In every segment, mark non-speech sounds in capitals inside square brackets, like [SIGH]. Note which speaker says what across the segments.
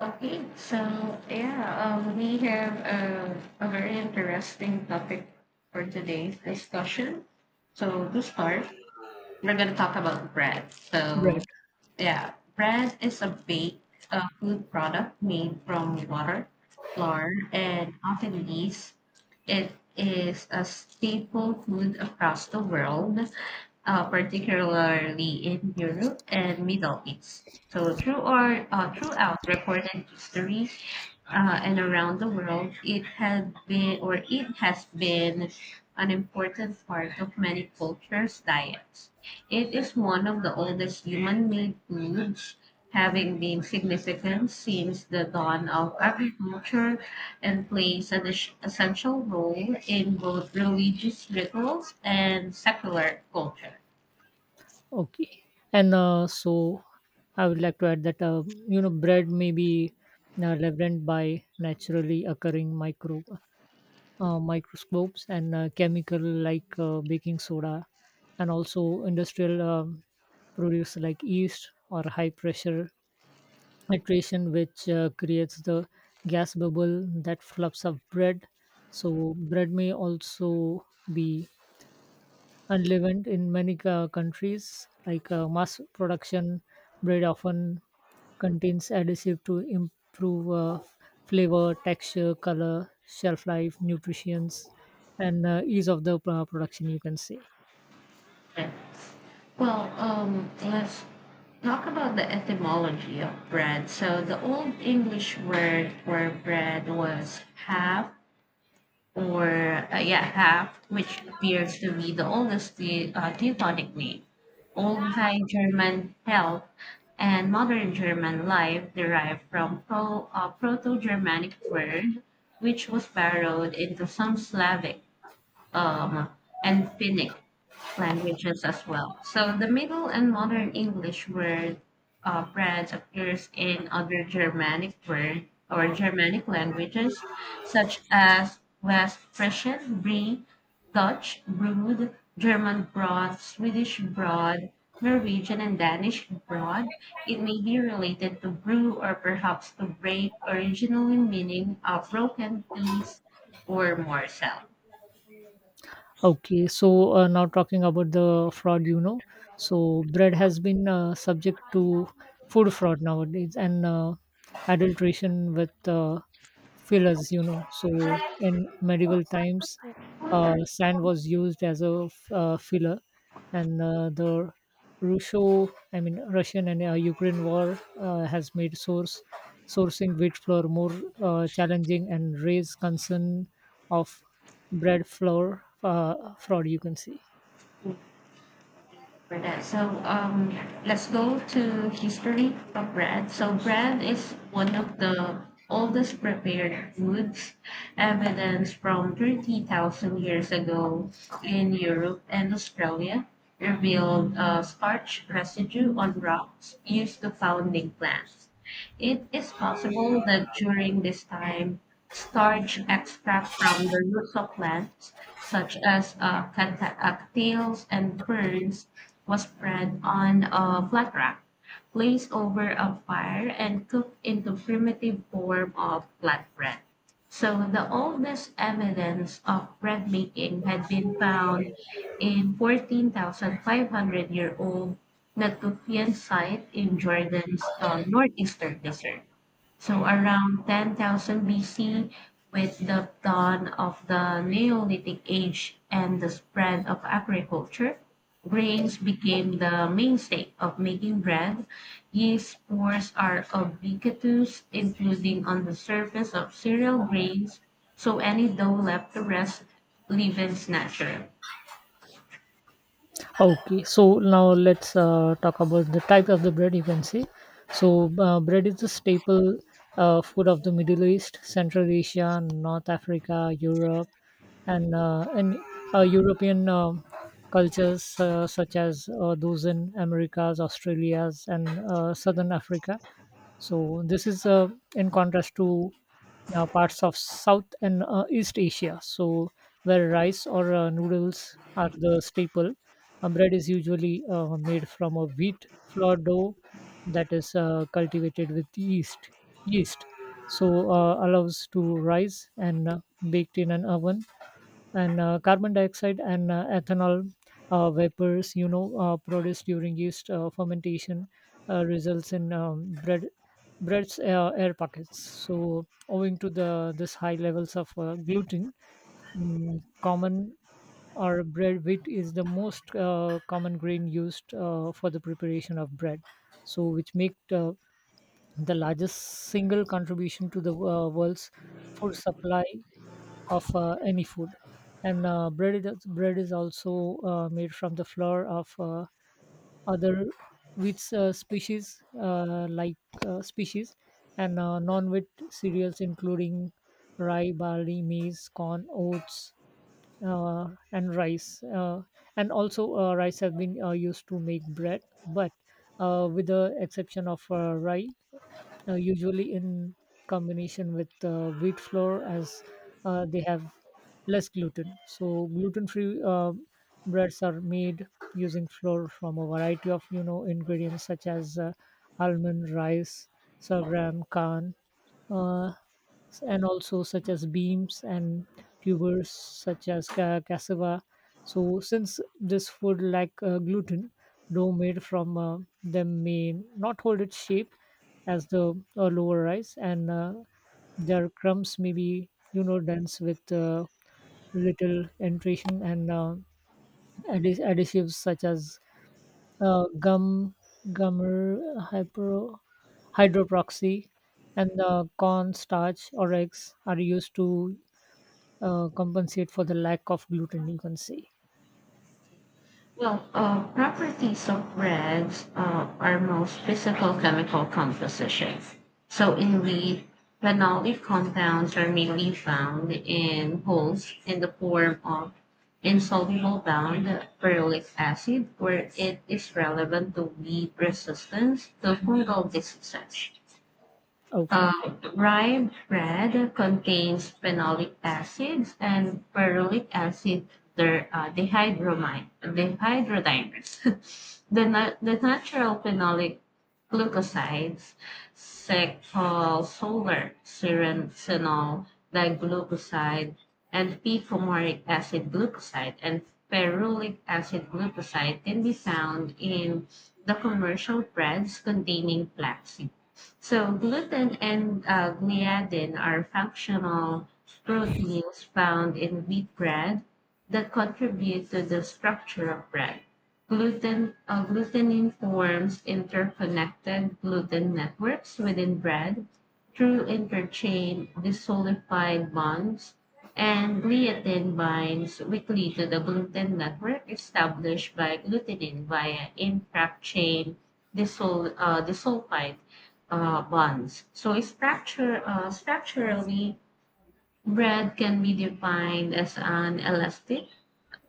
Speaker 1: Okay, so yeah, we have a very interesting topic for today's discussion. So to start, we're going to talk about bread.
Speaker 2: Bread.
Speaker 1: Bread is a baked food product made from water, flour, and often yeast. It is a staple food across the world, particularly in Europe and Middle East. So, throughout recorded history and around the world, it has been an important part of many cultures' diets. It is one of the oldest human-made foods, having been significant since the dawn of agriculture and plays an essential role in both religious rituals and secular culture.
Speaker 2: Okay. And I would like to add that bread may be leavened by naturally occurring microscopes and chemical like baking soda, and also industrial produce like yeast or high pressure iteration, which creates the gas bubble that fluffs up bread. So bread may also be unleavened in many countries like mass production bread often contains adhesive to improve flavor texture color shelf life nutrition and ease of the production, you can say.
Speaker 1: Right. Let's talk about the etymology of bread. So the Old English word for bread was half or yeah, Haft, which appears to be the oldest Teutonic name. Old High German health and modern German life derive from Proto-Germanic word, which was borrowed into some Slavic um, and Finnic languages as well. So the Middle and Modern English word branch appears in other Germanic word or Germanic languages such as West Frisian, Brie, Dutch, Brood, German Broad, Swedish Broad, Norwegian and Danish Broad. It may be related to brew or perhaps to break, originally meaning a broken piece or morsel.
Speaker 2: Okay, so now talking about the fraud, so bread has been subject to food fraud nowadays and adulteration with fillers, so in medieval times sand was used as a filler and the russo I mean russian and ukraine war has made source sourcing wheat flour more challenging and raised concern of bread flour fraud, you can see.
Speaker 1: For that. Let's go to history of bread. So bread is one of the oldest prepared foods, evidence from 30,000 years ago in Europe and Australia revealed a starch residue on rocks used to founding plants. It is possible that during this time, starch extract from the roots of plants, such as cattails and ferns, was spread on a flat rack, placed over a fire, and cooked into primitive form of flatbread. So the oldest evidence of bread making had been found in 14,500 year old Natufian site in Jordan's northeastern desert. So around 10,000 BC, with the dawn of the Neolithic age and the spread of agriculture, grains became the mainstay of making bread. Yeast spores are ubiquitous, including on the surface of cereal grains, so any dough left to rest leavens natural.
Speaker 2: Okay, so now let's talk about the type of the bread, you can see. So, bread is the staple food of the Middle East, Central Asia, North Africa, Europe, and European cultures such as those in Americas, Australias, and Southern Africa. So this is in contrast to parts of South and East Asia, so where rice or noodles are the staple. Uh, bread is usually made from a wheat flour dough that is cultivated with yeast. Yeast, so allows to rise and baked in an oven, and carbon dioxide and ethanol vapors, produced during yeast fermentation results in bread's air pockets, so owing to the this high levels of gluten, common or bread wheat is the most common grain used for the preparation of bread, so which make the largest single contribution to the world's food supply of any food. And bread is also made from the flour of other wheat species and non-wheat cereals including rye, barley, maize, corn, oats, and rice. Uh, and also rice have been used to make bread, but with the exception of rye, usually in combination with wheat flour as they have less gluten. So gluten-free breads are made using flour from a variety of ingredients such as almond, rice, sorghum, corn, uh, and also such as beams and tubers such as cassava. So since this food lack gluten, dough made from them may not hold its shape as the lower rice, and their crumbs may be, dense with little entration, and additives such as gum, gummer, hyper, hydroproxy, and corn starch or eggs are used to compensate for the lack of gluten, you can say.
Speaker 1: Properties of breads are most physical chemical compositions. So, indeed, phenolic compounds are mainly found in wholes in the form of insoluble bound ferulic acid, where it is relevant to weed resistance to fungal diseases. Uh,
Speaker 2: Okay.
Speaker 1: Rye bread contains phenolic acids and ferulic acid. Their dehydrodimers. [LAUGHS] The natural phenolic glucosides, secol, solar, serenol, diglucoside, and p-fumaric acid glucoside and ferulic acid glucoside can be found in the commercial breads containing flaxseed. So gluten and gliadin are functional proteins found in wheat bread that contribute to the structure of bread. Glutenin forms interconnected gluten networks within bread through interchain disolidified bonds, and gliadin binds weakly to the gluten network established by glutenin via impact chain disulfide bonds. So structurally, bread can be defined as an elastic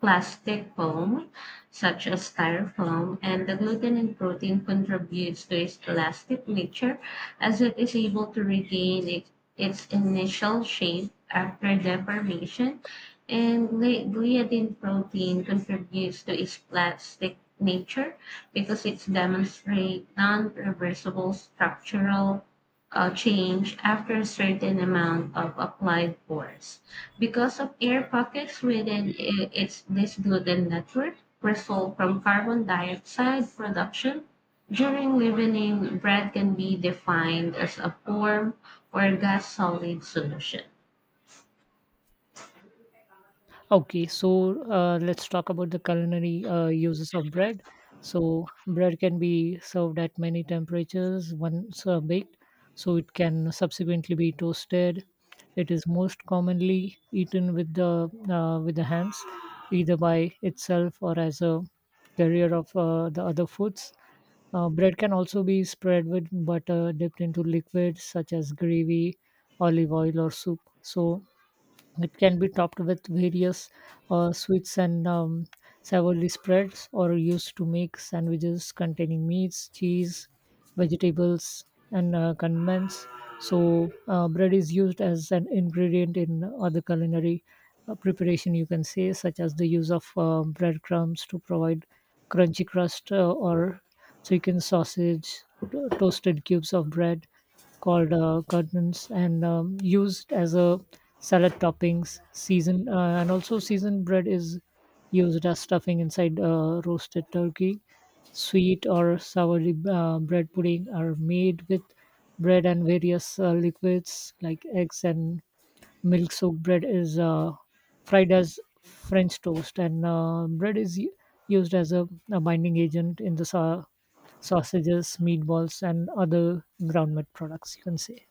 Speaker 1: plastic foam, such as styrofoam, and the gluten in protein contributes to its elastic nature as it is able to regain its initial shape after deformation, and gliadin protein contributes to its plastic nature because it demonstrates non-reversible structural change after a certain amount of applied force because of air pockets within its disgluten network result from carbon dioxide production during leavening bread can be defined as a form or gas solid solution.
Speaker 2: Okay, so let's talk about the culinary uses of bread. So bread can be served at many temperatures once baked, so it can subsequently be toasted. It is most commonly eaten with the hands, either by itself or as a carrier of the other foods. Bread can also be spread with butter, dipped into liquids such as gravy, olive oil, or soup. So it can be topped with various sweets and savory spreads, or used to make sandwiches containing meats, cheese, vegetables, and condiments. So, bread is used as an ingredient in other culinary preparation, you can say, such as the use of breadcrumbs to provide crunchy crust, or chicken sausage, toasted cubes of bread, called curtains, and used as a salad toppings seasoned and also seasoned bread is used as stuffing inside roasted turkey. Sweet or sour bread pudding are made with bread and various liquids like eggs and milk. Soaked bread is fried as french toast, and bread is used as a binding agent in the sausages, meatballs, and other ground meat products, you can say.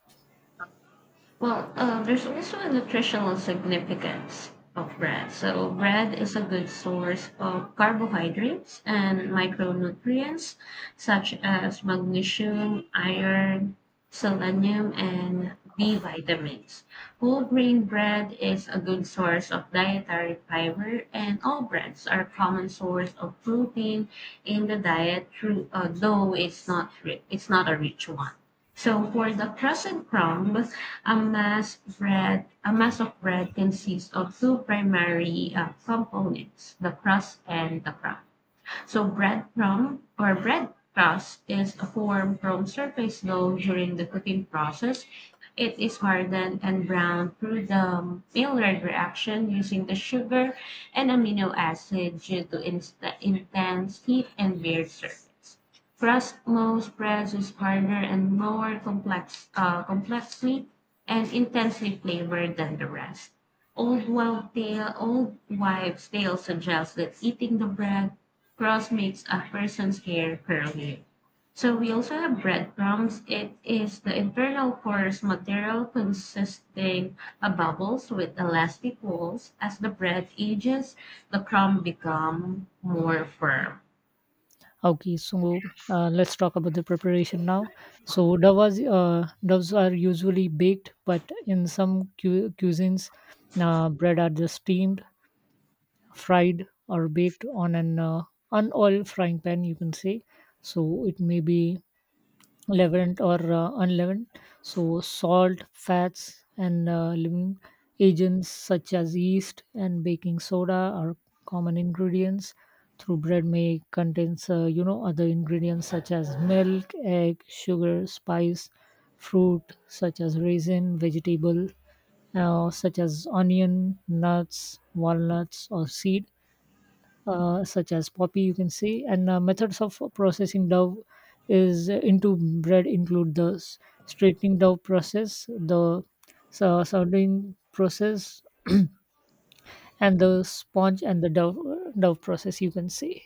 Speaker 1: There's also a nutritional significance of bread. So, bread is a good source of carbohydrates and micronutrients such as magnesium, iron, selenium, and B vitamins. Whole grain bread is a good source of dietary fiber, and all breads are a common source of protein in the diet, though it's not, ri- it's not a rich one. So for the crescent crumb, a mass of bread consists of two primary components, the crust and the crumb. So breadcrumb or bread crust is formed from surface dough during the cooking process. It is hardened and browned through the Maillard reaction using the sugar and amino acid due to intense heat and bare surface. Crust most spreads is harder and more complexly and intensely flavored than the rest. Old wives' tale suggests that eating the bread Cross makes a person's hair curly. So we also have breadcrumbs. It is the internal porous material consisting of bubbles with elastic walls. As the bread ages, the crumb become more firm.
Speaker 2: Okay, so let's talk about the preparation now. So doves are usually baked, but in some cuisines, bread are just steamed, fried, or baked on an unoiled frying pan, you can say. So it may be leavened or unleavened. So, salt, fats, and leavening agents such as yeast and baking soda are common ingredients. Through bread may contains, other ingredients such as milk, egg, sugar, spice, fruit such as raisin, vegetable such as onion, nuts, walnuts, or seed such as poppy, you can say. And methods of processing dough is into bread include the straightening dough process, the soldering process, and the sponge and the dough process, you can say.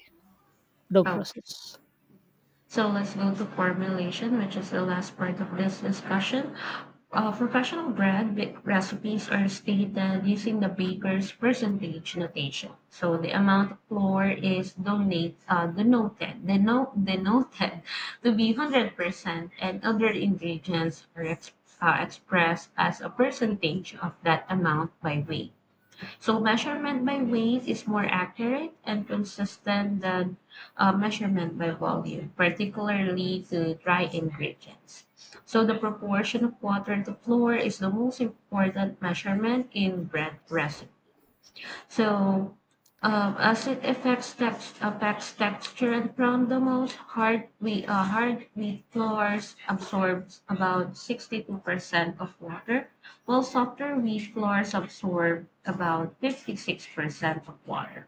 Speaker 2: Dough
Speaker 1: So
Speaker 2: process.
Speaker 1: So let's go to formulation, which is the last part of this discussion. Professional bread recipes are stated using the baker's percentage notation. So the amount of flour is denoted to be 100%, and other ingredients are expressed as a percentage of that amount by weight. So measurement by weight is more accurate and consistent than measurement by volume, particularly to dry ingredients. So the proportion of water to flour is the most important measurement in bread recipes. So, as it affects affects texture and crown the most, hard wheat floors absorbs about 62% of water, while softer wheat floors absorb about 56% of water.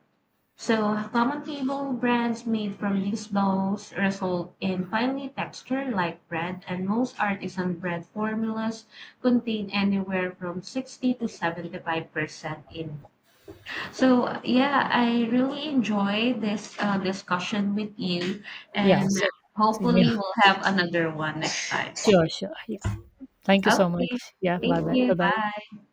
Speaker 1: So, common table brands made from these bowls result in finely textured like bread, and most artisan bread formulas contain anywhere from 60 to 75% in so yeah, I really enjoy this discussion with you,
Speaker 2: Yeah,
Speaker 1: and
Speaker 2: same. Same, yeah.
Speaker 1: hopefully we'll have another one next time.
Speaker 2: Sure, sure, yeah. Thank you so
Speaker 1: Okay,
Speaker 2: much. Yeah,
Speaker 1: thank
Speaker 2: bye bye.
Speaker 1: you.
Speaker 2: Bye bye.
Speaker 1: Bye.